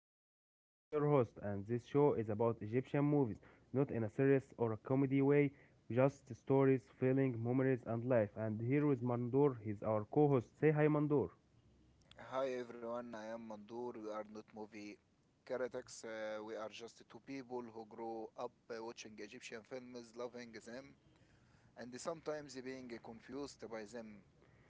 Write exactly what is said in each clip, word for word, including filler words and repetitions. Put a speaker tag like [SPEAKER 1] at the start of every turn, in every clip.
[SPEAKER 1] name is Marwan, I am your host, and this show is about Egyptian movies, not in a serious or a comedy way, just stories, feeling, memories, and life. And here is Mandur, he's our co host. Say hi, Mandur.
[SPEAKER 2] Hi everyone, I am Mandur. We are not movie critics. Uh, we are just two people who grow up uh, watching Egyptian films, loving them, and sometimes being confused by them.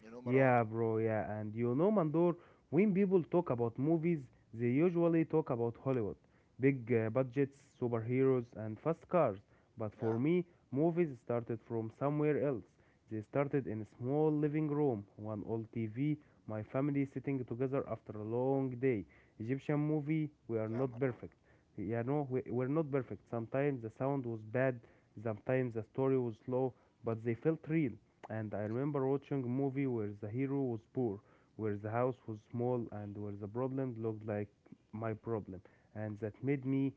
[SPEAKER 2] You know, Marwan?
[SPEAKER 1] Yeah, bro, yeah. And you know, Mandor, when people talk about movies, they usually talk about Hollywood. Big uh, budgets, superheroes, and fast cars. But for
[SPEAKER 2] Yeah,
[SPEAKER 1] me, movies started from somewhere else. They started in a small living room, one old T V, my family sitting together after a long day. Egyptian movie, we are not
[SPEAKER 2] yeah, Marwan.
[SPEAKER 1] perfect. You know, we, we're not perfect. Sometimes the sound was bad, sometimes the story was slow, but they felt real. And I
[SPEAKER 2] Y-
[SPEAKER 1] remember watching a movie where the hero was poor, where the house was small, and where the problem looked like my problem. And that made me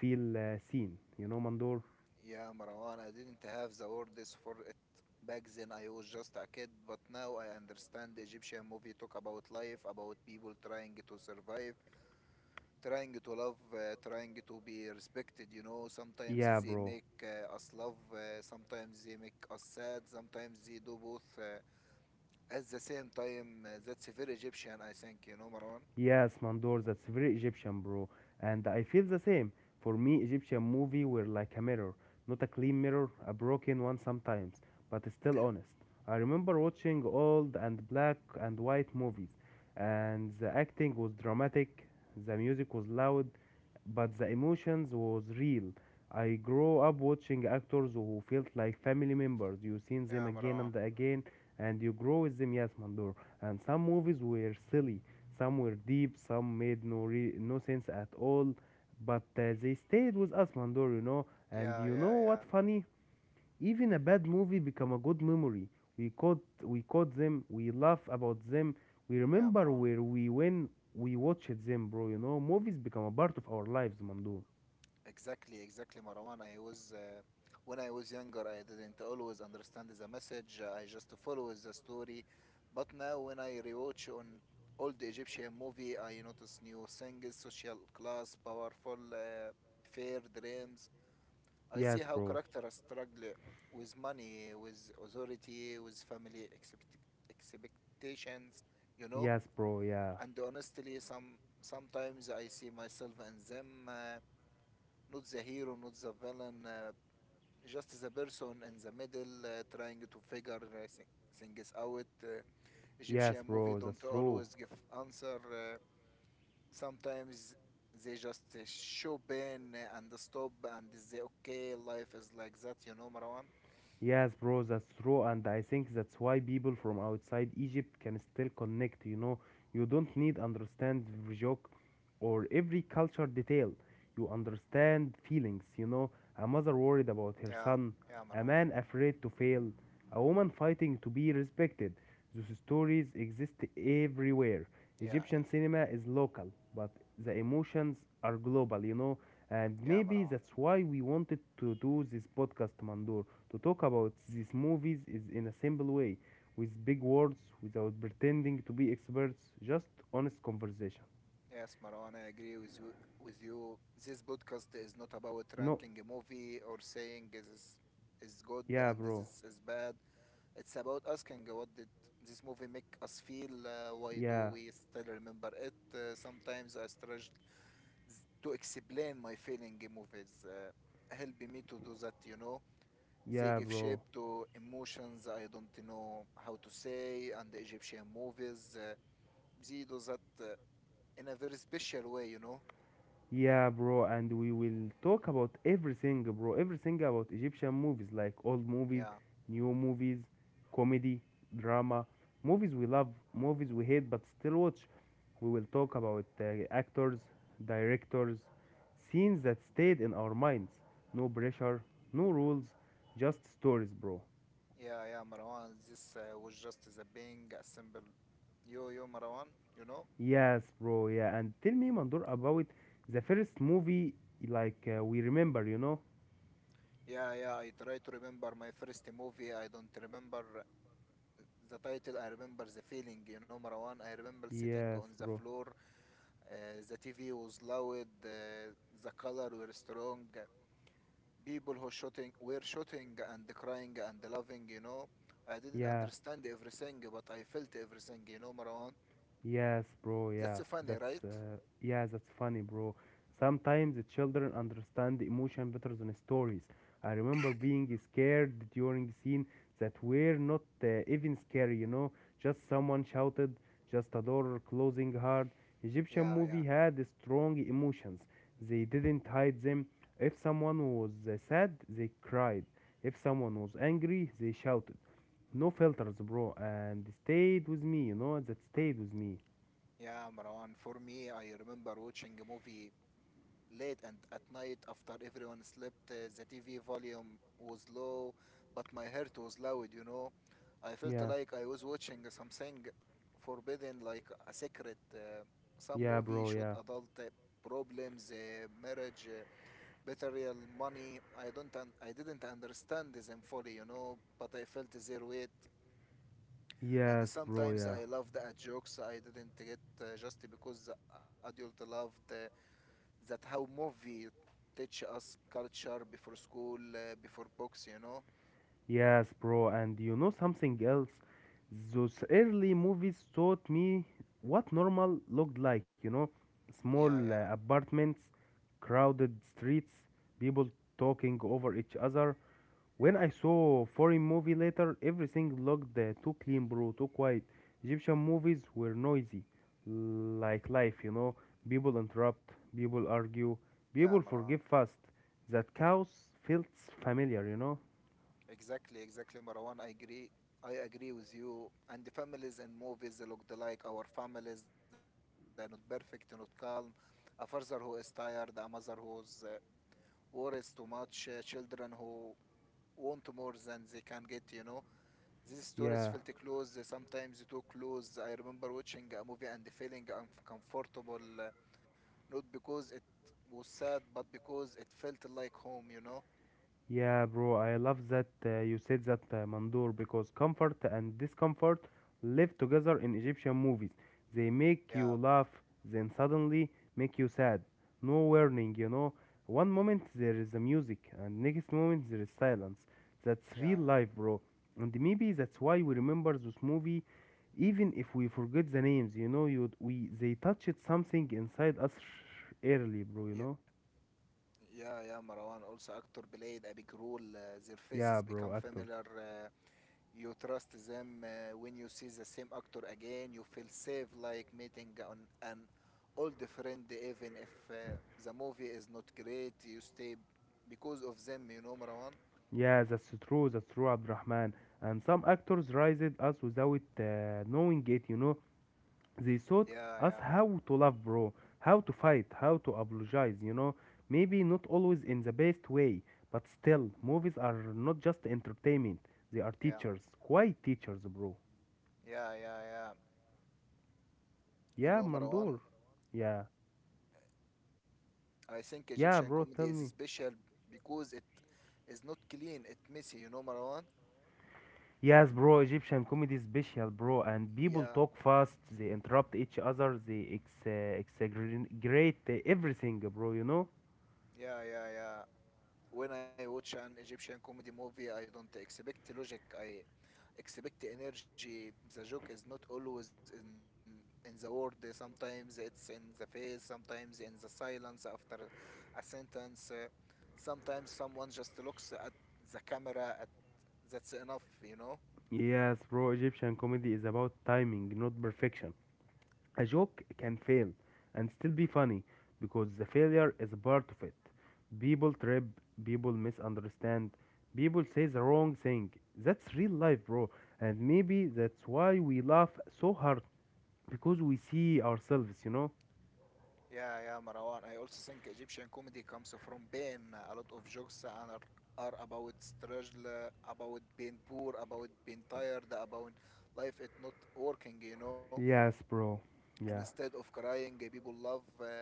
[SPEAKER 1] feel uh, seen. You know, Mandor?
[SPEAKER 2] Yeah, Marwan. I didn't have the words for it back then. I was just a kid, but now I understand Egyptian movie talk about life, about people trying to survive, trying to love, uh, trying to be respected, you know. Sometimes
[SPEAKER 1] Yeah,
[SPEAKER 2] they
[SPEAKER 1] bro.
[SPEAKER 2] make uh, us love, uh, sometimes they make us sad, sometimes they do both uh, at the same time. Uh, that's very Egyptian, I think, you know, Marwan.
[SPEAKER 1] Yes, Mandor, that's very Egyptian, bro. And I feel the same. For me, Egyptian movie were like a mirror. Not a clean mirror, a broken one sometimes, but still honest. I remember watching old and black and white movies, and the acting was dramatic, the music was loud, but the emotions was real. I grew up watching actors who felt like family members. You seen them
[SPEAKER 2] Yeah,
[SPEAKER 1] again
[SPEAKER 2] Marwan.
[SPEAKER 1] and again, and you grow with them. Yes, Mandor. And some movies were silly, some were deep, some made no re- no sense at all, but uh, they stayed with us, Mandor. You know. And
[SPEAKER 2] Yeah,
[SPEAKER 1] you
[SPEAKER 2] yeah,
[SPEAKER 1] know
[SPEAKER 2] yeah.
[SPEAKER 1] what funny? Even a bad movie become a good memory. We caught we caught them, we laugh about them, we
[SPEAKER 2] Yeah,
[SPEAKER 1] remember
[SPEAKER 2] Marwan.
[SPEAKER 1] where we when we watched them, bro, you know. Movies become a part of our lives, Mandu.
[SPEAKER 2] Exactly, exactly, Marwan. I was uh, When I was younger, I didn't always understand the message. uh, I just follow the story. But now, when I rewatch on old Egyptian movie, I notice new things: social class, powerful, uh, fair dreams. I see
[SPEAKER 1] Yes,
[SPEAKER 2] how
[SPEAKER 1] bro.
[SPEAKER 2] characters struggle with money, with authority, with family expect- expectations. You know,
[SPEAKER 1] Yes, bro, yeah.
[SPEAKER 2] and honestly, some sometimes I see myself in them. Uh, not the hero, not the villain, uh, just the person in the middle uh, trying to figure uh, thi- things out. Uh,
[SPEAKER 1] Yes,
[SPEAKER 2] Egyptian movie
[SPEAKER 1] bro, that's
[SPEAKER 2] don't
[SPEAKER 1] true.
[SPEAKER 2] always give answer. Uh, sometimes they just uh, show pain uh, and stop and say, okay, life is like that, you know, Marwan?
[SPEAKER 1] Yes, bro, that's true, and I think that's why people from outside Egypt can still connect. You know, you don't need understand every joke or every culture detail. You understand feelings. You know, a mother worried about her
[SPEAKER 2] Yeah,
[SPEAKER 1] son,
[SPEAKER 2] yeah,
[SPEAKER 1] a
[SPEAKER 2] Marwan.
[SPEAKER 1] man afraid to fail, a woman fighting to be respected. Those stories exist everywhere.
[SPEAKER 2] Yeah,
[SPEAKER 1] Egyptian
[SPEAKER 2] yeah,
[SPEAKER 1] cinema is local, but the emotions are global. You know, and
[SPEAKER 2] yeah,
[SPEAKER 1] maybe
[SPEAKER 2] Marwan.
[SPEAKER 1] that's why we wanted to do this podcast, Mandur. To talk about these movies is in a simple way, with big words, without pretending to be experts, just honest conversation.
[SPEAKER 2] Yes, Marwan, I agree with you. With you, this podcast is not about
[SPEAKER 1] No,
[SPEAKER 2] ranking a movie or saying this is good
[SPEAKER 1] yeah,
[SPEAKER 2] and this
[SPEAKER 1] bro,
[SPEAKER 2] is bad. It's about asking uh, what did this movie make us feel? Uh, why do
[SPEAKER 1] yeah,
[SPEAKER 2] we still remember it? Uh, sometimes I struggle s- to explain my feeling in movies. Uh, help me to do that, you know. They
[SPEAKER 1] yeah,
[SPEAKER 2] give shape
[SPEAKER 1] bro.
[SPEAKER 2] to emotions I don't know how to say, and the Egyptian movies, uh, they do that uh, in a very special way, you know.
[SPEAKER 1] Yeah, bro, and we will talk about everything, bro. Everything about Egyptian movies, like old movies,
[SPEAKER 2] Yeah,
[SPEAKER 1] new movies, comedy, drama, movies we love, movies we hate but still watch. We will talk about uh, actors, directors, scenes that stayed in our minds. No pressure, no rules, just stories, bro.
[SPEAKER 2] yeah, yeah, Marwan. This uh, was just the being a simple. Yo, yo, Marwan, you know?
[SPEAKER 1] Yes, bro, yeah. And tell me, Mandur, about the first movie like uh, we remember, you know?
[SPEAKER 2] Yeah, yeah, I try to remember my first movie. I don't remember the title. I remember the feeling, you know, Marwan. I remember sitting
[SPEAKER 1] Yes,
[SPEAKER 2] on the
[SPEAKER 1] bro.
[SPEAKER 2] floor. Uh, the T V was loud. Uh, the color were strong. People who shooting were shooting and crying and loving, you know. I didn't
[SPEAKER 1] Yeah.
[SPEAKER 2] understand everything, but I felt everything, you know, Marwan.
[SPEAKER 1] Yes, bro. Yeah,
[SPEAKER 2] That's funny, right?
[SPEAKER 1] that's uh, yeah, that's funny, bro. Sometimes the children understand emotion better than stories. I remember being scared during scene that were not uh, even scary, you know. Just someone shouted, just a door closing hard. Egyptian
[SPEAKER 2] Yeah, yeah.
[SPEAKER 1] movie had strong emotions. They didn't hide them. If someone was uh, sad, they cried. If someone was angry, they shouted. No filters, bro, and stayed with me, you know, that stayed with me.
[SPEAKER 2] Yeah, Marwan. For me, I remember watching a movie late and at night after everyone slept. Uh, the T V volume was low, but my heart was loud, you know. I felt
[SPEAKER 1] Yeah,
[SPEAKER 2] like I was watching something forbidden, like a secret. Uh, some
[SPEAKER 1] yeah,
[SPEAKER 2] movie
[SPEAKER 1] bro,
[SPEAKER 2] showed
[SPEAKER 1] yeah.
[SPEAKER 2] adult uh, problems, uh, marriage, uh, betrayal, money. I don't, un- I didn't understand them fully, you know, but I felt their weight. And
[SPEAKER 1] Yes, bro,
[SPEAKER 2] sometimes
[SPEAKER 1] yeah.
[SPEAKER 2] I loved at jokes I didn't get uh, just because the adult loved. Uh, that how movie teach us culture before school, uh, before books, you know?
[SPEAKER 1] Yes, bro, and you know something else? Those early movies taught me what normal looked like, you know? Small
[SPEAKER 2] Yeah,
[SPEAKER 1] uh,
[SPEAKER 2] yeah,
[SPEAKER 1] apartments, crowded streets, people talking over each other. When I saw foreign movie later, everything looked uh, too clean, bro, too quiet. Egyptian movies were noisy, like life, you know. People interrupt, people argue,
[SPEAKER 2] yeah,
[SPEAKER 1] people
[SPEAKER 2] Marwan.
[SPEAKER 1] forgive fast. That chaos feels familiar, you know.
[SPEAKER 2] Exactly, exactly, Marwan. I agree. I agree with you. And the families in movies they look like our families. They're not perfect, not calm. A father who is tired, a mother who's uh, worries too much, uh, children who want more than they can get, you know? These stories
[SPEAKER 1] Yeah.
[SPEAKER 2] felt close, uh, sometimes too close. I remember watching a movie and feeling uncomfortable uh, not because it was sad, but because it felt like home, you know?
[SPEAKER 1] Yeah, bro, I love that uh, you said that, uh, Mandur, because comfort and discomfort live together in Egyptian movies. They make you
[SPEAKER 2] Yeah,
[SPEAKER 1] laugh, then suddenly make you sad. No warning, you know. One moment there is the music, and next moment there is silence. That's real
[SPEAKER 2] yeah,
[SPEAKER 1] life, bro. And maybe that's why we remember this movie, even if we forget the names. You know, you we they touched something inside us early, bro. You
[SPEAKER 2] yeah.
[SPEAKER 1] know.
[SPEAKER 2] Yeah, yeah, yeah, Marwan. Also, actor played a big role. Uh, their faces
[SPEAKER 1] Yeah,
[SPEAKER 2] become
[SPEAKER 1] bro, actors.
[SPEAKER 2] familiar. Uh, you trust them. Uh, when you see the same actor again, you feel safe, like meeting an, an old friend, even if uh, the movie is not great. You stay because of them, you know, Marwan.
[SPEAKER 1] Yeah, that's true, that's true, Abdurrahman. And some actors raised us without uh, knowing it, you know. They taught
[SPEAKER 2] Yeah,
[SPEAKER 1] us
[SPEAKER 2] yeah,
[SPEAKER 1] how to love, bro, how to fight, how to apologize, you know. Maybe not always in the best way, but still, movies are not just entertainment, they are teachers,
[SPEAKER 2] yeah,
[SPEAKER 1] quite teachers, bro.
[SPEAKER 2] yeah, yeah, yeah.
[SPEAKER 1] Yeah,
[SPEAKER 2] You know,
[SPEAKER 1] Mandur.
[SPEAKER 2] Marwan.
[SPEAKER 1] Yeah,
[SPEAKER 2] I
[SPEAKER 1] yeah,
[SPEAKER 2] think
[SPEAKER 1] bro, tell
[SPEAKER 2] Egyptian
[SPEAKER 1] me.
[SPEAKER 2] comedy is special because it is not clean, it messy, you know, Marwan?
[SPEAKER 1] Yes, bro, Egyptian comedy is special, bro, and people talk fast,
[SPEAKER 2] Yeah,
[SPEAKER 1] they interrupt each other, they ex- uh, exaggerate uh, everything, bro, you know?
[SPEAKER 2] yeah, yeah, yeah. When I watch an Egyptian comedy movie, I don't expect logic. I expect energy. The joke is not always in in the word. Sometimes it's in the face. Sometimes in the silence after a sentence. Uh, Sometimes someone just looks at the camera. At, that's enough, you know.
[SPEAKER 1] Yes, bro, Egyptian comedy is about timing, not perfection. A joke can fail and still be funny because the failure is a part of it. People trip, people misunderstand, people say the wrong thing. That's real life, bro, and maybe that's why we laugh so hard because we see ourselves, you know?
[SPEAKER 2] Yeah, yeah, Marwan. I also think Egyptian comedy comes from pain. A lot of jokes are, are about struggle, uh, about being poor, about being tired, about life it not working, you know.
[SPEAKER 1] Yes, bro.
[SPEAKER 2] And
[SPEAKER 1] Yeah.
[SPEAKER 2] instead of crying, uh, people love. Uh,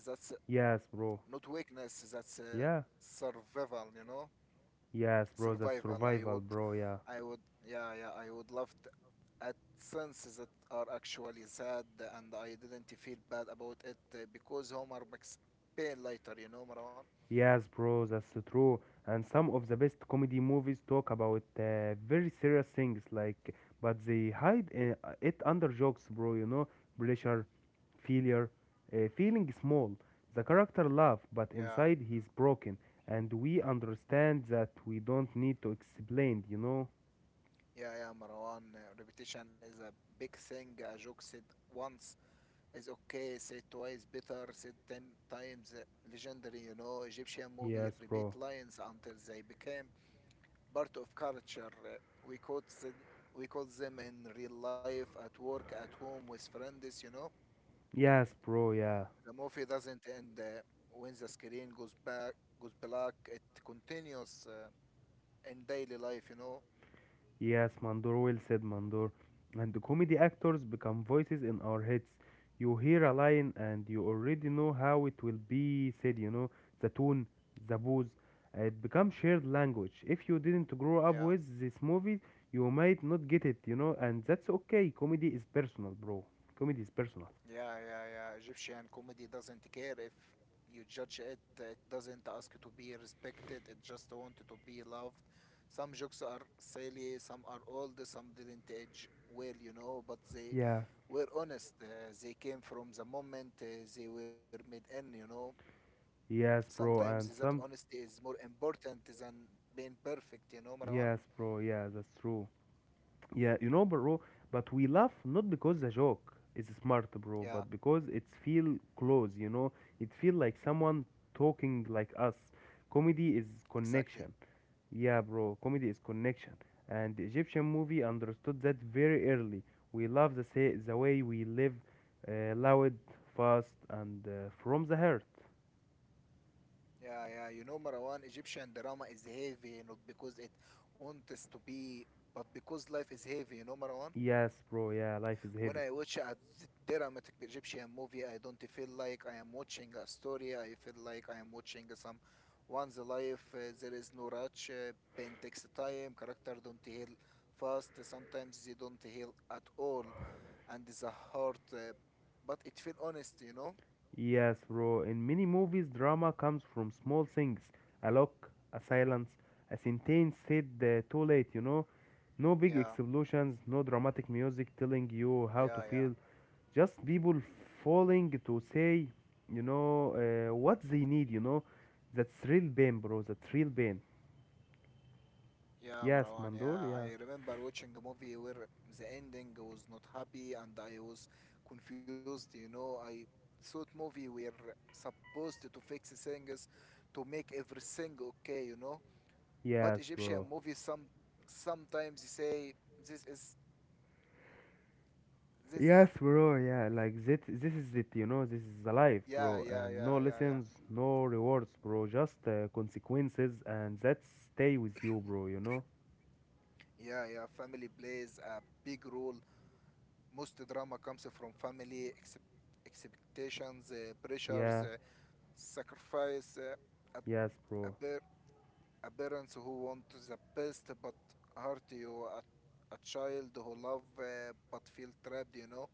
[SPEAKER 2] that's
[SPEAKER 1] Yes, bro.
[SPEAKER 2] not weakness. That's uh,
[SPEAKER 1] Yeah.
[SPEAKER 2] survival, you know.
[SPEAKER 1] Yes, bro. That's
[SPEAKER 2] Survival. I
[SPEAKER 1] survival,
[SPEAKER 2] would,
[SPEAKER 1] bro. Yeah.
[SPEAKER 2] I would, yeah, yeah. I would love at senses that are actually sad and I didn't feel bad about it uh, because Homer makes pain later, you know, Marwan?
[SPEAKER 1] Yes, bro. That's true. And some of the best comedy movies talk about uh, very serious things, like, but they hide uh, it under jokes, bro. You know, pressure, failure, uh, feeling small. The character laugh, but
[SPEAKER 2] Yeah.
[SPEAKER 1] inside he's broken, and we understand that we don't need to explain. You know.
[SPEAKER 2] Yeah, yeah, Marwan. uh, Repetition is a big thing. A joke said once is okay, said twice better, said ten times uh, legendary. You know, Egyptian movie
[SPEAKER 1] Yes,
[SPEAKER 2] repeat
[SPEAKER 1] bro.
[SPEAKER 2] lines until they became part of culture. Uh, We quote them, we quote them in real life, at work, at home, with friends. You know.
[SPEAKER 1] Yes, bro. Yeah.
[SPEAKER 2] The movie doesn't end uh, when the screen goes back, goes black. It continues uh, in daily life, you know.
[SPEAKER 1] Yes, Mandor, well said, Mandor. And the comedy actors become voices in our heads. You hear a line and you already know how it will be said, you know, the tone, the booze. It becomes shared language. If you didn't grow up
[SPEAKER 2] Yeah,
[SPEAKER 1] with this movie, you might not get it, you know, and that's okay. Comedy is personal, bro. Comedy is personal.
[SPEAKER 2] yeah, yeah, yeah. Egyptian comedy doesn't care if you judge it. It doesn't ask to be respected. It just wants to be loved. Some jokes are silly, some are old, some didn't age well, you know. But they
[SPEAKER 1] Yeah.
[SPEAKER 2] were honest. Uh, they came from the moment uh, they were made in, you know.
[SPEAKER 1] Yes, bro,
[SPEAKER 2] Sometimes
[SPEAKER 1] and
[SPEAKER 2] that
[SPEAKER 1] some.
[SPEAKER 2] honesty is more important than being perfect, you know, Marwan?
[SPEAKER 1] Yes, bro, yeah, that's true. Yeah, you know, bro, but we laugh not because the joke is smart, bro,
[SPEAKER 2] Yeah,
[SPEAKER 1] but because it's feel close, you know? It feel like someone talking like us. Comedy is
[SPEAKER 2] exactly.
[SPEAKER 1] connection. Yeah, bro, comedy is connection. And the Egyptian movie understood that very early. We love the say the way we live, uh, loud, fast, and uh, from the heart.
[SPEAKER 2] Yeah, yeah, you know, Marwan, Egyptian drama is heavy, not because it wants to be, but because life is heavy, you know, Marwan?
[SPEAKER 1] Yes, bro, yeah, life is
[SPEAKER 2] When
[SPEAKER 1] heavy.
[SPEAKER 2] I watch a d- dramatic Egyptian movie, I don't feel like I am watching a story, I feel like I am watching some one's life, uh, there is no rush, uh, pain takes time, character don't heal fast, sometimes they don't heal at all and the heart, uh, but it feel honest, you know?
[SPEAKER 1] Yes, bro. In many movies, drama comes from small things a look, a silence, a sentence said uh, too late, you know. No big
[SPEAKER 2] Yeah,
[SPEAKER 1] explosions, no dramatic music telling you how to
[SPEAKER 2] yeah, yeah.
[SPEAKER 1] feel. Just people falling to say, you know, uh, what they need, you know. That's real pain, bro. That's real pain.
[SPEAKER 2] Yeah,
[SPEAKER 1] Yes,
[SPEAKER 2] Marwan,
[SPEAKER 1] Mandor,
[SPEAKER 2] yeah.
[SPEAKER 1] yeah.
[SPEAKER 2] I remember watching a movie where the ending was not happy and I was confused, you know? I thought movie were supposed to fix things to make everything okay, you know? But
[SPEAKER 1] Yes,
[SPEAKER 2] Egyptian
[SPEAKER 1] bro.
[SPEAKER 2] movies some sometimes say this is this
[SPEAKER 1] Yes, bro. Yeah, like that. This is it. You know, this is the life,
[SPEAKER 2] yeah,
[SPEAKER 1] bro.
[SPEAKER 2] yeah,
[SPEAKER 1] And
[SPEAKER 2] yeah,
[SPEAKER 1] no
[SPEAKER 2] yeah, yeah.
[SPEAKER 1] lessons, no rewards, bro. Just uh, consequences, and that stay with you, bro. You know.
[SPEAKER 2] Yeah, yeah, family plays a big role. Most drama comes from family excep- expectations, uh, pressures,
[SPEAKER 1] Yeah.
[SPEAKER 2] uh, sacrifice, uh, a,
[SPEAKER 1] Yes,
[SPEAKER 2] a,
[SPEAKER 1] bro.
[SPEAKER 2] par- a parents who want the best but hurt you, a, a child who love uh, but feel trapped, you know.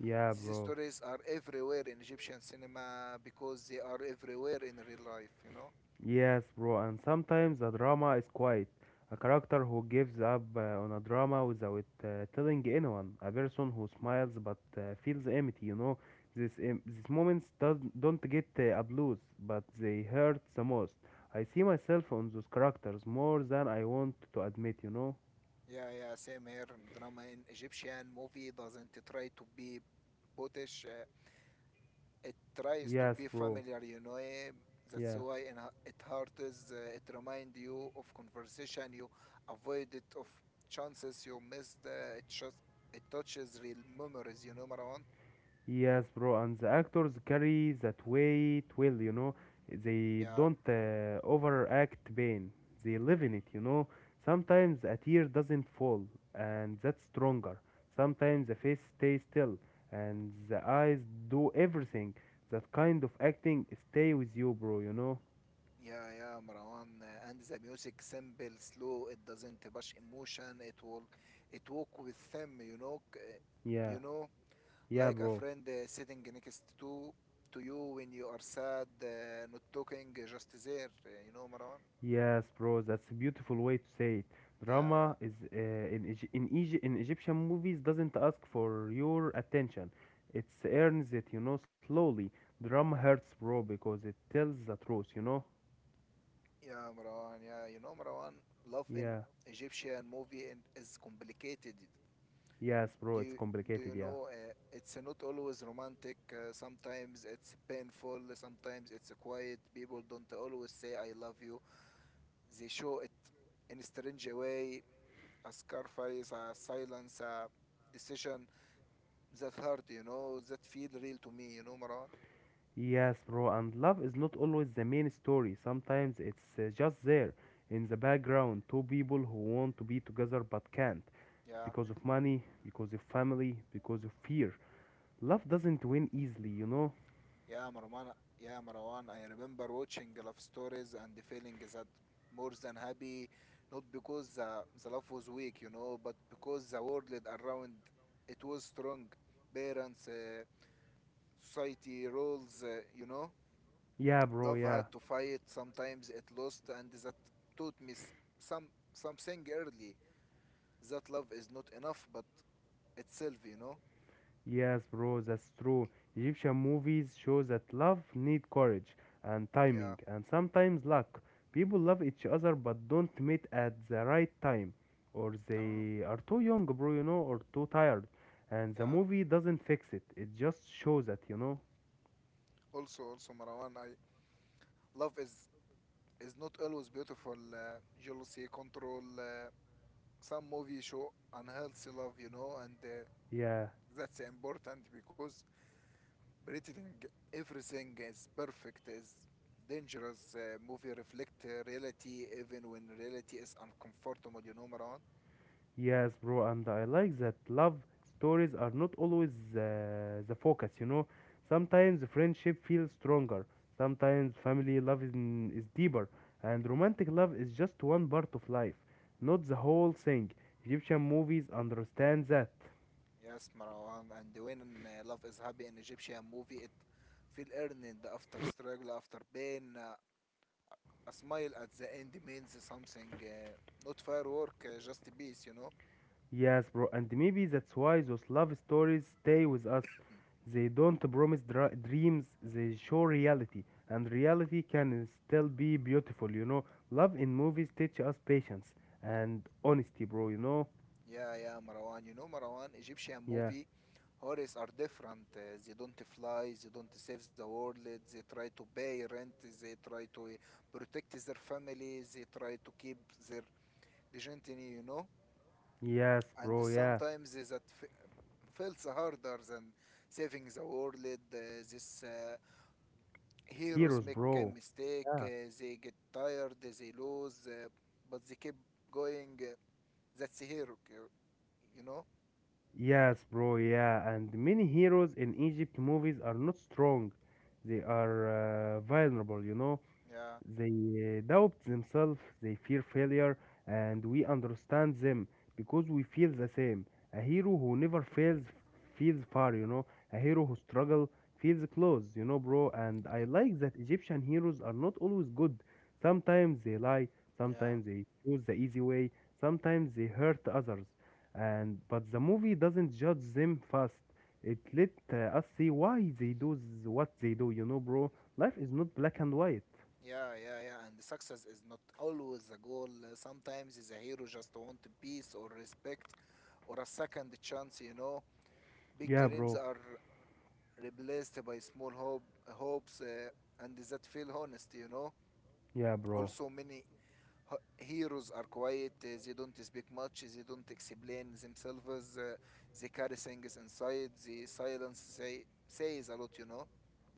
[SPEAKER 1] Yeah,
[SPEAKER 2] These
[SPEAKER 1] bro.
[SPEAKER 2] stories are everywhere in Egyptian cinema because they are everywhere in real life, you know.
[SPEAKER 1] Yes, bro, and sometimes the drama is quiet. A character who gives up uh, on a drama without uh, telling anyone. A person who smiles but uh, feels empty, you know. This, em- these moments does, don't get uh, applause, but they hurt the most. I see myself on those characters more than I want to admit, you know.
[SPEAKER 2] Yeah, yeah, same here. Drama in Egyptian movie doesn't try to be bootish. Uh, it tries to
[SPEAKER 1] Yes,
[SPEAKER 2] be
[SPEAKER 1] bro.
[SPEAKER 2] familiar, you know. eh, That's
[SPEAKER 1] Yeah.
[SPEAKER 2] why in ha- it hurts. Uh, it remind you of conversation you avoided, of chances you missed. Uh, it just it touches real memories, you know, Marwan.
[SPEAKER 1] Yes, bro, and the actors carry that weight well, you know. They
[SPEAKER 2] Yeah,
[SPEAKER 1] don't uh, overact pain. They live in it, you know. Sometimes a tear doesn't fall, and that's stronger. Sometimes the face stays still, and the eyes do everything. That kind of acting stay with you, bro, you know.
[SPEAKER 2] Yeah, yeah, Marwan. Uh, and the music simple, slow. It doesn't rush emotion. It will, it walk with them. You know, c- uh,
[SPEAKER 1] Yeah,
[SPEAKER 2] you know,
[SPEAKER 1] yeah,
[SPEAKER 2] like a
[SPEAKER 1] bro.
[SPEAKER 2] friend uh, sitting next to to you when you are sad, uh, not talking, uh, just there. uh, You know, Marwan.
[SPEAKER 1] Yes, bro, that's a beautiful way to say it.
[SPEAKER 2] Yeah, yeah,
[SPEAKER 1] Drama is uh, in Egy- in, Egy- in Egyptian movies doesn't ask for your attention. It earns it, you know, slowly. Drama hurts, bro, because it tells the truth, you know?
[SPEAKER 2] yeah, Marwan. Yeah, you know, Marwan, love in
[SPEAKER 1] Yeah.
[SPEAKER 2] Egyptian movie and is complicated.
[SPEAKER 1] Yes, bro,
[SPEAKER 2] Do
[SPEAKER 1] it's
[SPEAKER 2] you, do
[SPEAKER 1] complicated,
[SPEAKER 2] you
[SPEAKER 1] yeah.
[SPEAKER 2] know? Uh, it's not always romantic. Uh, sometimes it's painful. Sometimes it's quiet. People don't always say "I love you." They show it in a strange way. A sacrifice, a silence, a decision that hurt. You know, that feel real to me. You know, Marwan.
[SPEAKER 1] Yes, bro, and love is not always the main story. Sometimes it's uh, just there in the background, two people who want to be together but can't
[SPEAKER 2] Yeah.
[SPEAKER 1] because of money, because of family, because of fear. Love doesn't win easily, you know?
[SPEAKER 2] Yeah, Marwan. Yeah, Marwan. I remember watching love stories and feeling that more than happy, not because the, the love was weak, you know, but because the world around it was strong. Parents, uh, society, roles, uh, you know.
[SPEAKER 1] Yeah, bro,
[SPEAKER 2] Love had
[SPEAKER 1] yeah.
[SPEAKER 2] to fight. Sometimes it lost, and that taught me s- some something early. That love is not enough, but itself, you know.
[SPEAKER 1] Yes, bro, that's true. Egyptian movies show that love need courage and
[SPEAKER 2] Yeah,
[SPEAKER 1] timing and sometimes luck. People love each other but don't meet at the right time or
[SPEAKER 2] تمام.
[SPEAKER 1] they are too young, bro, you know, or too tired. And the
[SPEAKER 2] Yeah.
[SPEAKER 1] movie doesn't fix it. It just shows that, you know.
[SPEAKER 2] Also, also, Marwan. I love is is not always beautiful. Uh, jealousy, control. Uh, some movies show unhealthy love, you know, and uh,
[SPEAKER 1] Yeah.
[SPEAKER 2] that's important because pretending everything is perfect is dangerous. Uh, movie reflect uh, reality even when reality is uncomfortable, you know, Marwan.
[SPEAKER 1] Yes, bro, and I like that love stories are not always uh, the focus, you know. Sometimes friendship feels stronger, sometimes family love is, n- is deeper, and romantic love is just one part of life, not the whole thing. Egyptian movies understand that.
[SPEAKER 2] Yes, Marwan. And when uh, love is happy in Egyptian movie, it feel earned after struggle, after pain. Uh, a smile at the end means something. Uh, not firework, uh, just peace, you know.
[SPEAKER 1] Yes, bro, and maybe that's why those love stories stay with us. They don't promise dra- dreams, they show reality, and reality can still be beautiful, you know. Love in movies teach us patience and honesty, bro, you know?
[SPEAKER 2] Yeah, yeah, Marwan. You know, Marwan, Egyptian
[SPEAKER 1] Yeah.
[SPEAKER 2] movie horrors are different. Uh, they don't fly, they don't save the world, they try to pay rent, they try to uh, protect their family, they try to keep their dignity, you know.
[SPEAKER 1] Yes,
[SPEAKER 2] And
[SPEAKER 1] bro, yeah.
[SPEAKER 2] sometimes is that f- feels harder than saving the world. Uh, this uh, Heroes
[SPEAKER 1] Heroes,
[SPEAKER 2] make a
[SPEAKER 1] bro.
[SPEAKER 2] mistake,
[SPEAKER 1] Yeah.
[SPEAKER 2] uh, they get tired, they lose, uh, but they keep going. Uh, that's a hero, you you know?
[SPEAKER 1] Yes, bro, yeah. And many heroes in Egypt movies are not strong. They are uh, vulnerable, you know.
[SPEAKER 2] Yeah,
[SPEAKER 1] They uh, doubt themselves, they fear failure, and we understand them because we feel the same. A hero who never fails feels far, you know. A hero who struggles feels close, you know, bro. And I like that Egyptian heroes are not always good. Sometimes they lie,
[SPEAKER 2] yeah.
[SPEAKER 1] sometimes they choose the easy way, sometimes they hurt others. And but the movie doesn't judge them fast. It let uh, us see why they do s- what they do, you know, bro. Life is not black and white.
[SPEAKER 2] Yeah, yeah, yeah. And success is not always a goal. Uh, Sometimes is a hero just want peace or respect or a second chance, you know. Big
[SPEAKER 1] Yeah,
[SPEAKER 2] dreams
[SPEAKER 1] bro.
[SPEAKER 2] are replaced by small hope, hopes uh, and that feel honest, you know.
[SPEAKER 1] Yeah, bro.
[SPEAKER 2] Also, many h- heroes are quiet. Uh, they don't speak much. They don't explain themselves. Uh, they carry things inside. The silence say, says a lot, you know.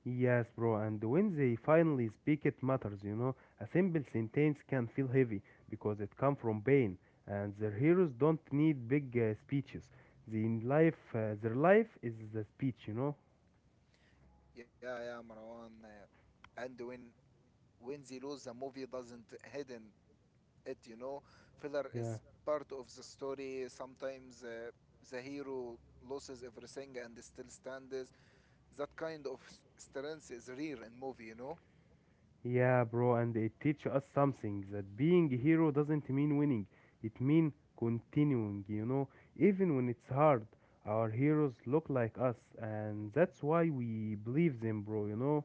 [SPEAKER 1] Yes, bro. And when they finally speak, it matters, you know. A simple sentence can feel heavy because it comes from pain, and their heroes don't need big uh, speeches. They in life, uh, their life is the speech, you know.
[SPEAKER 2] Yeah, yeah, Marwan. Uh, and when when they lose, the movie doesn't hidden it you know Filler
[SPEAKER 1] Yeah.
[SPEAKER 2] is part of the story sometimes, uh, the hero loses everything and still stands. That kind of s- strength is rare in movie, you know.
[SPEAKER 1] Yeah, bro. And it teaches us something that being a hero doesn't mean winning. It means continuing, you know. Even when it's hard, our heroes look like us, and that's why we believe them, bro, you know.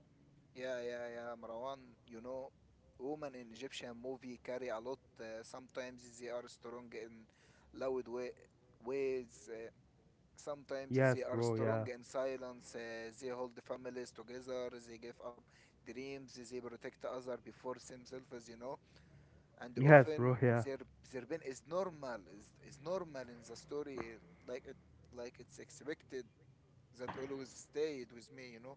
[SPEAKER 2] Yeah, yeah, yeah, Marwan. You know, women in Egyptian movie carry a lot. Uh, sometimes they are strong in loud way ways uh, Sometimes they
[SPEAKER 1] Yes,
[SPEAKER 2] are
[SPEAKER 1] bro, yeah.
[SPEAKER 2] strong in silence, uh, they hold families together, they give up dreams, they protect other before themselves, you know. And
[SPEAKER 1] Yes,
[SPEAKER 2] often
[SPEAKER 1] bro, yeah.
[SPEAKER 2] their their pain is normal, is, is normal in the story, like it like it's expected. That always stayed with me, you know.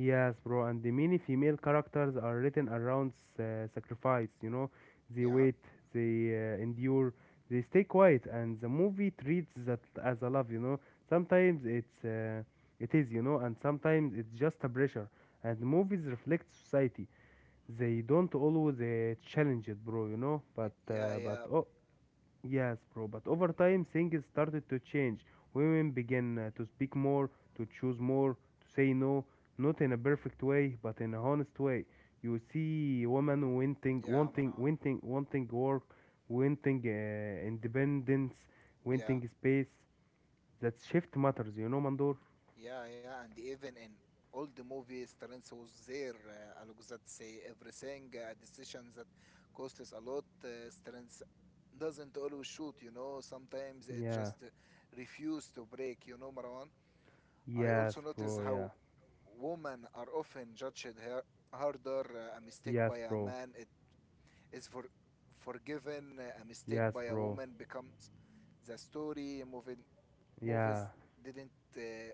[SPEAKER 1] Yes, bro. And the many female characters are written around s- uh, sacrifice, you know. They
[SPEAKER 2] Yeah,
[SPEAKER 1] wait, they uh, endure, they stay quiet, and the movie treats that as a love, you know. Sometimes it's uh, it is, you know, and sometimes it's just a pressure. And movies reflect society. They don't always uh, challenge it, bro, you know.
[SPEAKER 2] y-
[SPEAKER 1] But
[SPEAKER 2] yeah,
[SPEAKER 1] uh, but
[SPEAKER 2] yeah,
[SPEAKER 1] oh, Yes, bro, but over time things started to change. Women began uh, to speak more, to choose more, to say no, not in a perfect way, but in a honest way. You see women wanting,
[SPEAKER 2] yeah,
[SPEAKER 1] wanting,
[SPEAKER 2] Maran.
[SPEAKER 1] wanting, wanting work, wanting uh, independence,
[SPEAKER 2] Yeah.
[SPEAKER 1] wanting space. That shift matters, you know, Mandor?
[SPEAKER 2] Yeah, yeah, and even in all the movies, Terence was there. Uh, I that say everything, uh, a decision that costs us a lot. Uh, Terence doesn't always shoot, you know. Sometimes it
[SPEAKER 1] Yeah.
[SPEAKER 2] just uh, refuse to break, you know, Marwan. I
[SPEAKER 1] Yes,
[SPEAKER 2] also notice
[SPEAKER 1] bro, yeah.
[SPEAKER 2] how women are often judged her- harder. Uh, a mistake
[SPEAKER 1] Yes,
[SPEAKER 2] by a
[SPEAKER 1] bro.
[SPEAKER 2] man it is for forgiven. Uh, a mistake
[SPEAKER 1] Yes,
[SPEAKER 2] by a
[SPEAKER 1] bro.
[SPEAKER 2] woman becomes the story. Moving
[SPEAKER 1] Yeah.
[SPEAKER 2] movies didn't uh,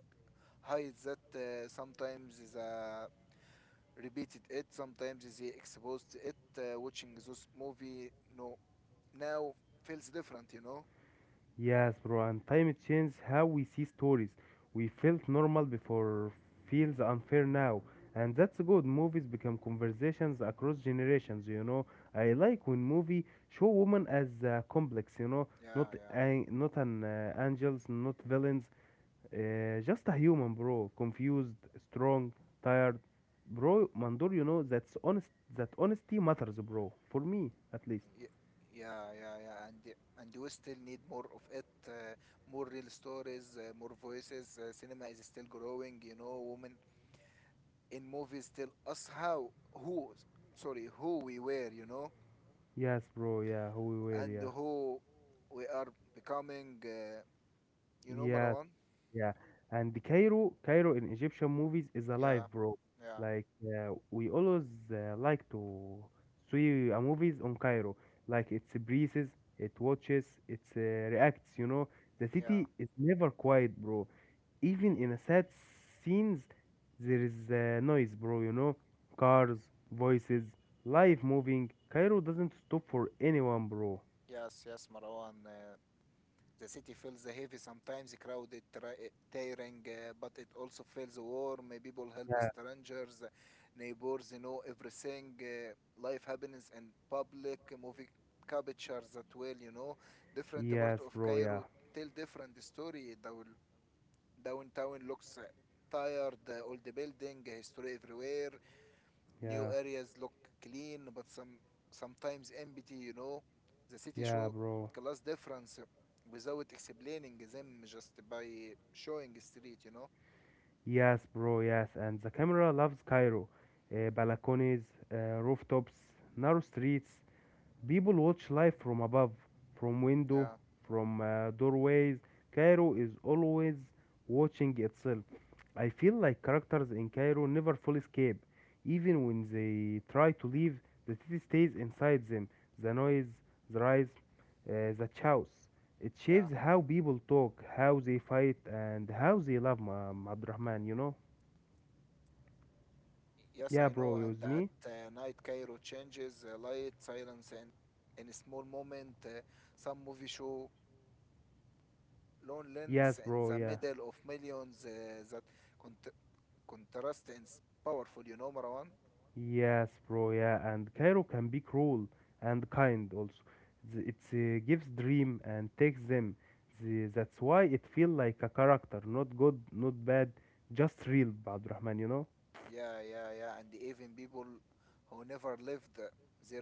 [SPEAKER 2] hides that, uh, sometimes is uh, repeated it, sometimes is exposed it, uh, watching those movie no now feels different, you know.
[SPEAKER 1] Yes, bro, and time it changed how we see stories. We felt normal before, feels unfair now. And that's good. Movies become conversations across generations, you know. I like when movie show women as uh, complex, you know, not
[SPEAKER 2] Yeah,
[SPEAKER 1] an- not an uh, angels, not villains, uh, just a human, bro. Confused, strong, tired. Bro, Mandor, you know, that's honest that honesty matters, bro. For me, at least.
[SPEAKER 2] yeah, Ye- yeah, yeah, yeah, and y- and we still need more of it, uh, more real stories, uh, more voices, uh, cinema is still growing, you know. Women in movies still us how who sorry who we were, you know,
[SPEAKER 1] Yes, bro, yeah, who we were,
[SPEAKER 2] and
[SPEAKER 1] yeah.
[SPEAKER 2] who we are becoming, uh, you know,
[SPEAKER 1] Yes,
[SPEAKER 2] Marwan.
[SPEAKER 1] Yeah, and the Cairo, Cairo in Egyptian movies is alive,
[SPEAKER 2] Yeah
[SPEAKER 1] bro.
[SPEAKER 2] yeah,
[SPEAKER 1] Like uh, we always uh, like to see uh, movies on Cairo. Like it's breathes, it watches, it uh, reacts. You know, the
[SPEAKER 2] yeah.
[SPEAKER 1] city is never quiet, bro. Even in a sad scenes, there is uh, noise, bro. You know, cars, voices, life moving. Cairo doesn't stop for anyone, bro.
[SPEAKER 2] Yes, yes, Marwan. Uh, the city feels heavy, sometimes crowded, tra- eh, tiring, uh, but it also feels warm. uh, People help
[SPEAKER 1] Yeah.
[SPEAKER 2] strangers, uh, neighbors know everything. Uh, life happens in public, uh, movie captures that well, you know. Different part
[SPEAKER 1] Yes,
[SPEAKER 2] of
[SPEAKER 1] bro. Yeah.
[SPEAKER 2] Cairo tell different story. Down- Downtown looks uh, tired, uh, all the building, uh, history everywhere.
[SPEAKER 1] Yeah.
[SPEAKER 2] New areas look clean, but some sometimes empty. You know, the city
[SPEAKER 1] Yeah,
[SPEAKER 2] show
[SPEAKER 1] bro.
[SPEAKER 2] class difference without explaining them, just by showing street. You know.
[SPEAKER 1] Yes, bro, yes. And the camera loves Cairo. Uh, balconies, uh, rooftops, narrow streets. People watch life from above, from window,
[SPEAKER 2] Yeah.
[SPEAKER 1] from uh, doorways. Cairo is always watching itself. I feel like characters in Cairo never fully escape. Even when they try to leave, the city stays inside them. The noise, the rise, uh, the chaos. It
[SPEAKER 2] Yeah.
[SPEAKER 1] shapes how people talk, how they fight, and how they love Ma- Ma Abdurrahman, you know?
[SPEAKER 2] Yes,
[SPEAKER 1] Yeah,
[SPEAKER 2] I
[SPEAKER 1] bro,
[SPEAKER 2] know.
[SPEAKER 1] use
[SPEAKER 2] And at
[SPEAKER 1] me.
[SPEAKER 2] uh, night, Cairo changes, uh, light, silence, and in a small moment, uh, some movie show
[SPEAKER 1] Yes,
[SPEAKER 2] loneliness in
[SPEAKER 1] bro,
[SPEAKER 2] the
[SPEAKER 1] yeah.
[SPEAKER 2] middle of millions, uh, that cont- contrast is powerful. You know, Marwan.
[SPEAKER 1] Yes, bro, yeah. And Cairo can be cruel and kind also. Th- It uh, gives dream and takes them. The, that's why it feel like a character, not good, not bad, just real, Abdurrahman, you know?
[SPEAKER 2] Yeah, yeah, yeah. And even people who never lived there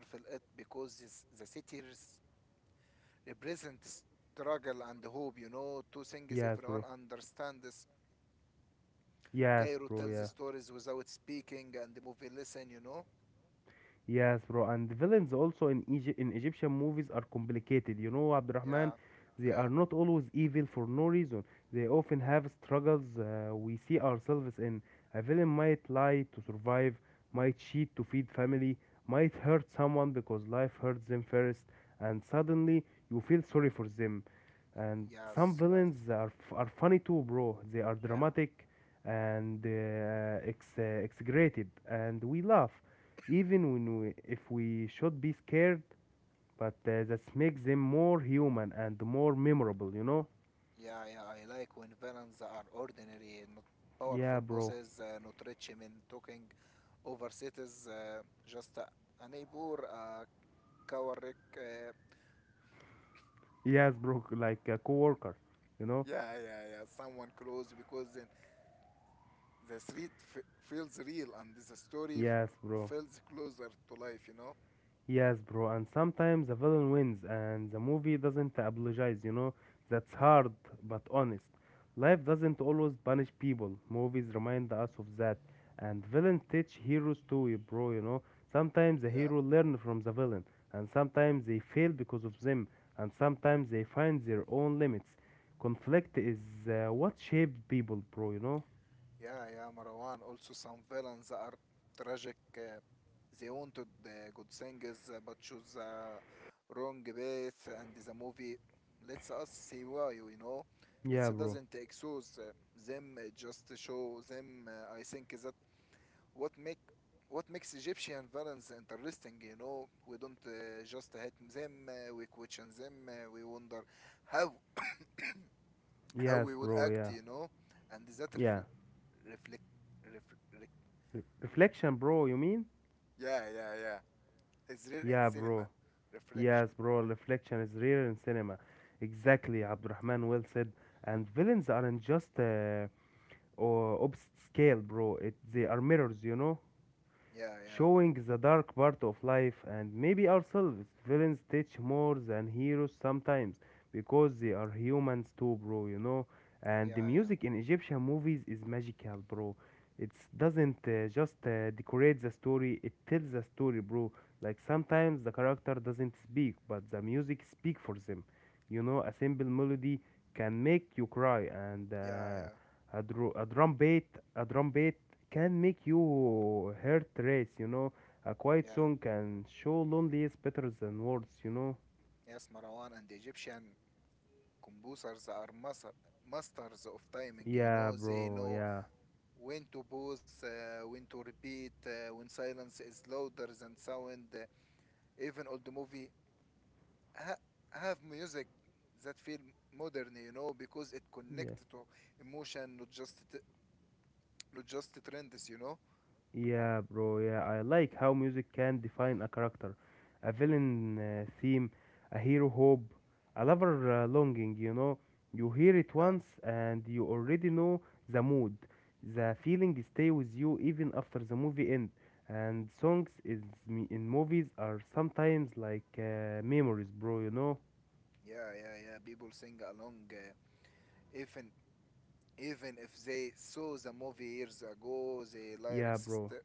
[SPEAKER 2] feel it because this, the cities represent struggle and hope, you know, two things
[SPEAKER 1] Yes,
[SPEAKER 2] everyone
[SPEAKER 1] bro.
[SPEAKER 2] understands.
[SPEAKER 1] Yes,
[SPEAKER 2] Cairo
[SPEAKER 1] bro,
[SPEAKER 2] tells the
[SPEAKER 1] yeah.
[SPEAKER 2] stories without speaking and the movie listen, you know?
[SPEAKER 1] Yes, bro, and the villains also in Egypt in Egyptian movies are complicated. You know, Abdurrahman,
[SPEAKER 2] Yeah,
[SPEAKER 1] they
[SPEAKER 2] yeah.
[SPEAKER 1] are not always evil for no reason. They often have struggles uh, we see ourselves in. A villain might lie to survive, might cheat to feed family, might hurt someone because life hurts them first, and suddenly you feel sorry for them and some
[SPEAKER 2] Yes, yes.
[SPEAKER 1] villains are f- are funny too, bro. They are
[SPEAKER 2] Yeah.
[SPEAKER 1] dramatic and uh, ex- uh, exaggerated, and we laugh, even when we, if we should be scared. But uh, that makes them more human and more memorable, you know?
[SPEAKER 2] Yeah, yeah. I like when villains are ordinary, not powerful
[SPEAKER 1] Yeah, bro.
[SPEAKER 2] bosses, uh, not rich men talking over cities, uh, just a, a neighbor, a coward. uh,
[SPEAKER 1] Yes, bro. Like a coworker, you know?
[SPEAKER 2] Yeah, yeah, yeah. Someone close because then the street f- feels real and the story f-
[SPEAKER 1] Yes, bro.
[SPEAKER 2] feels closer to life, you know?
[SPEAKER 1] Yes, bro, and sometimes the villain wins and the movie doesn't apologize, you know? That's hard, but honest. Life doesn't always punish people. Movies remind us of that. And villains teach heroes too, y- bro, you know? Sometimes the
[SPEAKER 2] Yeah,
[SPEAKER 1] hero learn from the villain, and sometimes they fail because of them, and sometimes they find their own limits. Conflict is uh, what shapes people, bro, you know?
[SPEAKER 2] yeah, yeah, Marwan. Also, some villains are tragic. Uh, they wanted uh, good things, uh, but choose the wrong path, and the movie lets us see why, you know? It
[SPEAKER 1] Yeah, bro.
[SPEAKER 2] doesn't expose uh, them, it just show them. Uh, I think that what make what makes Egyptian violence interesting, you know, we don't uh, just hate them, uh, we question them, uh, we wonder how how
[SPEAKER 1] Yes,
[SPEAKER 2] we would
[SPEAKER 1] bro,
[SPEAKER 2] act,
[SPEAKER 1] yeah.
[SPEAKER 2] you know, and that
[SPEAKER 1] Yeah.
[SPEAKER 2] refl- reflect, reflect,
[SPEAKER 1] Re- reflection, bro, you mean?
[SPEAKER 2] yeah, yeah, yeah, it's real in
[SPEAKER 1] Yeah, bro.
[SPEAKER 2] cinema, reflection,
[SPEAKER 1] Yes, bro, reflection is rare in cinema. Exactly, Abdurrahman well said. And villains aren't just uh, or opposite scale, bro. It They are mirrors, you know,
[SPEAKER 2] yeah, yeah,
[SPEAKER 1] showing the dark part of life and maybe ourselves. Villains teach more than heroes sometimes because they are humans too, bro, you know. And
[SPEAKER 2] yeah,
[SPEAKER 1] the
[SPEAKER 2] yeah,
[SPEAKER 1] music in Egyptian movies is magical, bro. It doesn't uh, just uh, decorate the story, it tells the story, bro. Like sometimes the character doesn't speak, but the music speak for them. You know, a simple melody can make you cry and
[SPEAKER 2] yeah,
[SPEAKER 1] uh,
[SPEAKER 2] yeah,
[SPEAKER 1] a, dru- a drum beat a drum beat can make you heart race, you know, a quiet
[SPEAKER 2] yeah.
[SPEAKER 1] song can show loneliness better than words, you know.
[SPEAKER 2] Yes, Marwan, and the Egyptian composers are master, masters of timing, you
[SPEAKER 1] Yeah,
[SPEAKER 2] know, they
[SPEAKER 1] bro,
[SPEAKER 2] know
[SPEAKER 1] yeah,
[SPEAKER 2] when to pause, uh, when to repeat, uh, when silence is louder than sound. Uh, even old movie ha- have music that feel modern, you know, because it
[SPEAKER 1] yeah.
[SPEAKER 2] connects to emotion, not just t- not just trends, you know.
[SPEAKER 1] Yeah, bro. Yeah, I like how music can define a character, a villain uh, theme, a hero hope, a lover uh, longing. You know, you hear it
[SPEAKER 2] Yeah,
[SPEAKER 1] once and you already know the mood. The feeling stay with you even after the movie end. And songs is me- in movies are sometimes like uh, memories, bro. You know?
[SPEAKER 2] yeah, yeah, yeah. People sing along, uh, even even if they saw the movie years ago, the
[SPEAKER 1] Yeah,
[SPEAKER 2] lyrics
[SPEAKER 1] bro.
[SPEAKER 2] st-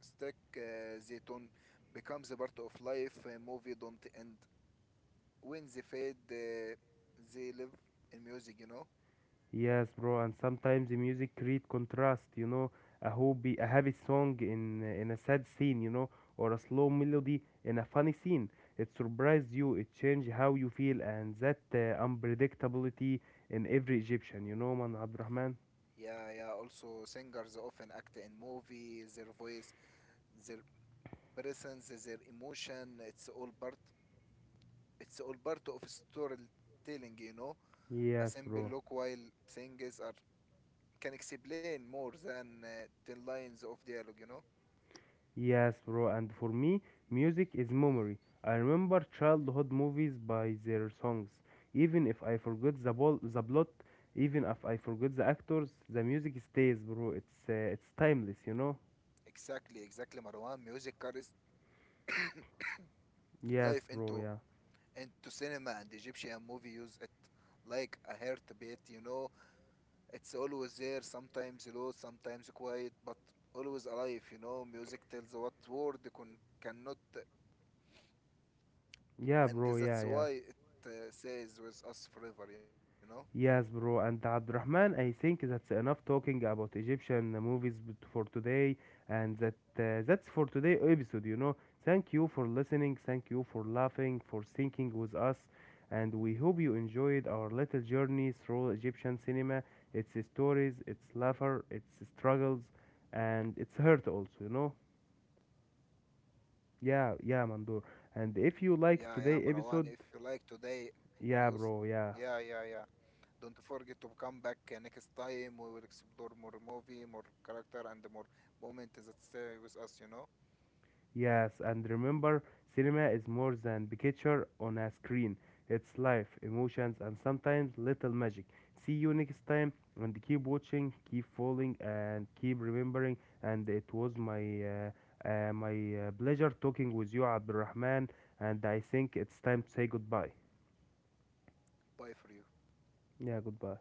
[SPEAKER 2] stick. Uh, they don't becomes a part of life. Uh, movie don't end when they fade, uh, they live in music, you know.
[SPEAKER 1] Yes, bro, and sometimes the music create contrast, you know, a hobby, a happy song in in a sad scene, you know, or a slow melody in a funny scene. It surprised you, it changed how you feel, and that uh, unpredictability in every Egyptian, you know, man, Abdurrahman.
[SPEAKER 2] Yeah, yeah. Also, singers often act in movies. Their voice, their presence, their emotion. It's all part. It's all part of storytelling, you know. A
[SPEAKER 1] Yes,
[SPEAKER 2] simple
[SPEAKER 1] bro.
[SPEAKER 2] look while singers are can explain more than uh, ten lines of dialogue, you know.
[SPEAKER 1] Yes, bro, and for me, music is memory. I remember childhood movies by their songs. Even if I forget the, bol- the plot, even if I forget the actors, the music stays, bro. It's uh, it's timeless, you know?
[SPEAKER 2] Exactly, exactly, Marwan. Music carries
[SPEAKER 1] Yes,
[SPEAKER 2] life
[SPEAKER 1] bro,
[SPEAKER 2] into
[SPEAKER 1] yeah.
[SPEAKER 2] into cinema and Egyptian movie use it like a heartbeat, you know. It's always there, sometimes low, sometimes quiet, but always alive, you know. Music tells what word con- cannot, and
[SPEAKER 1] Yeah,
[SPEAKER 2] that's
[SPEAKER 1] bro,
[SPEAKER 2] why
[SPEAKER 1] yeah,
[SPEAKER 2] it
[SPEAKER 1] yeah.
[SPEAKER 2] uh, stays with us forever, you know.
[SPEAKER 1] Yes, bro, and Abdurrahman, I think that's enough talking about Egyptian movies b- for today, and that uh, that's for today episode. You know, thank you for listening, thank you for laughing, for thinking with us, and we hope you enjoyed our little journey through Egyptian cinema, its stories, its laughter, its struggles, and its hurt also. You know, yeah, yeah, Mandur. And if
[SPEAKER 2] Yeah,
[SPEAKER 1] you
[SPEAKER 2] yeah,
[SPEAKER 1] liked
[SPEAKER 2] Marwan,
[SPEAKER 1] today
[SPEAKER 2] if you
[SPEAKER 1] episode,
[SPEAKER 2] like today, we also,
[SPEAKER 1] yeah, bro,
[SPEAKER 2] yeah,
[SPEAKER 1] yeah.
[SPEAKER 2] yeah, yeah. Don't forget to come back, uh, next time. We will explore more movie, more character, and more moments that stay with us, you know.
[SPEAKER 1] Yes, and remember, cinema is more than picture on a screen. It's life, emotions, and sometimes little magic. See you next time, and keep watching, keep following, and keep remembering. And it was my uh, uh, my uh, pleasure talking with you, Abdulrahman. And I think it's time to say goodbye.
[SPEAKER 2] Bye for you.
[SPEAKER 1] Yeah, goodbye.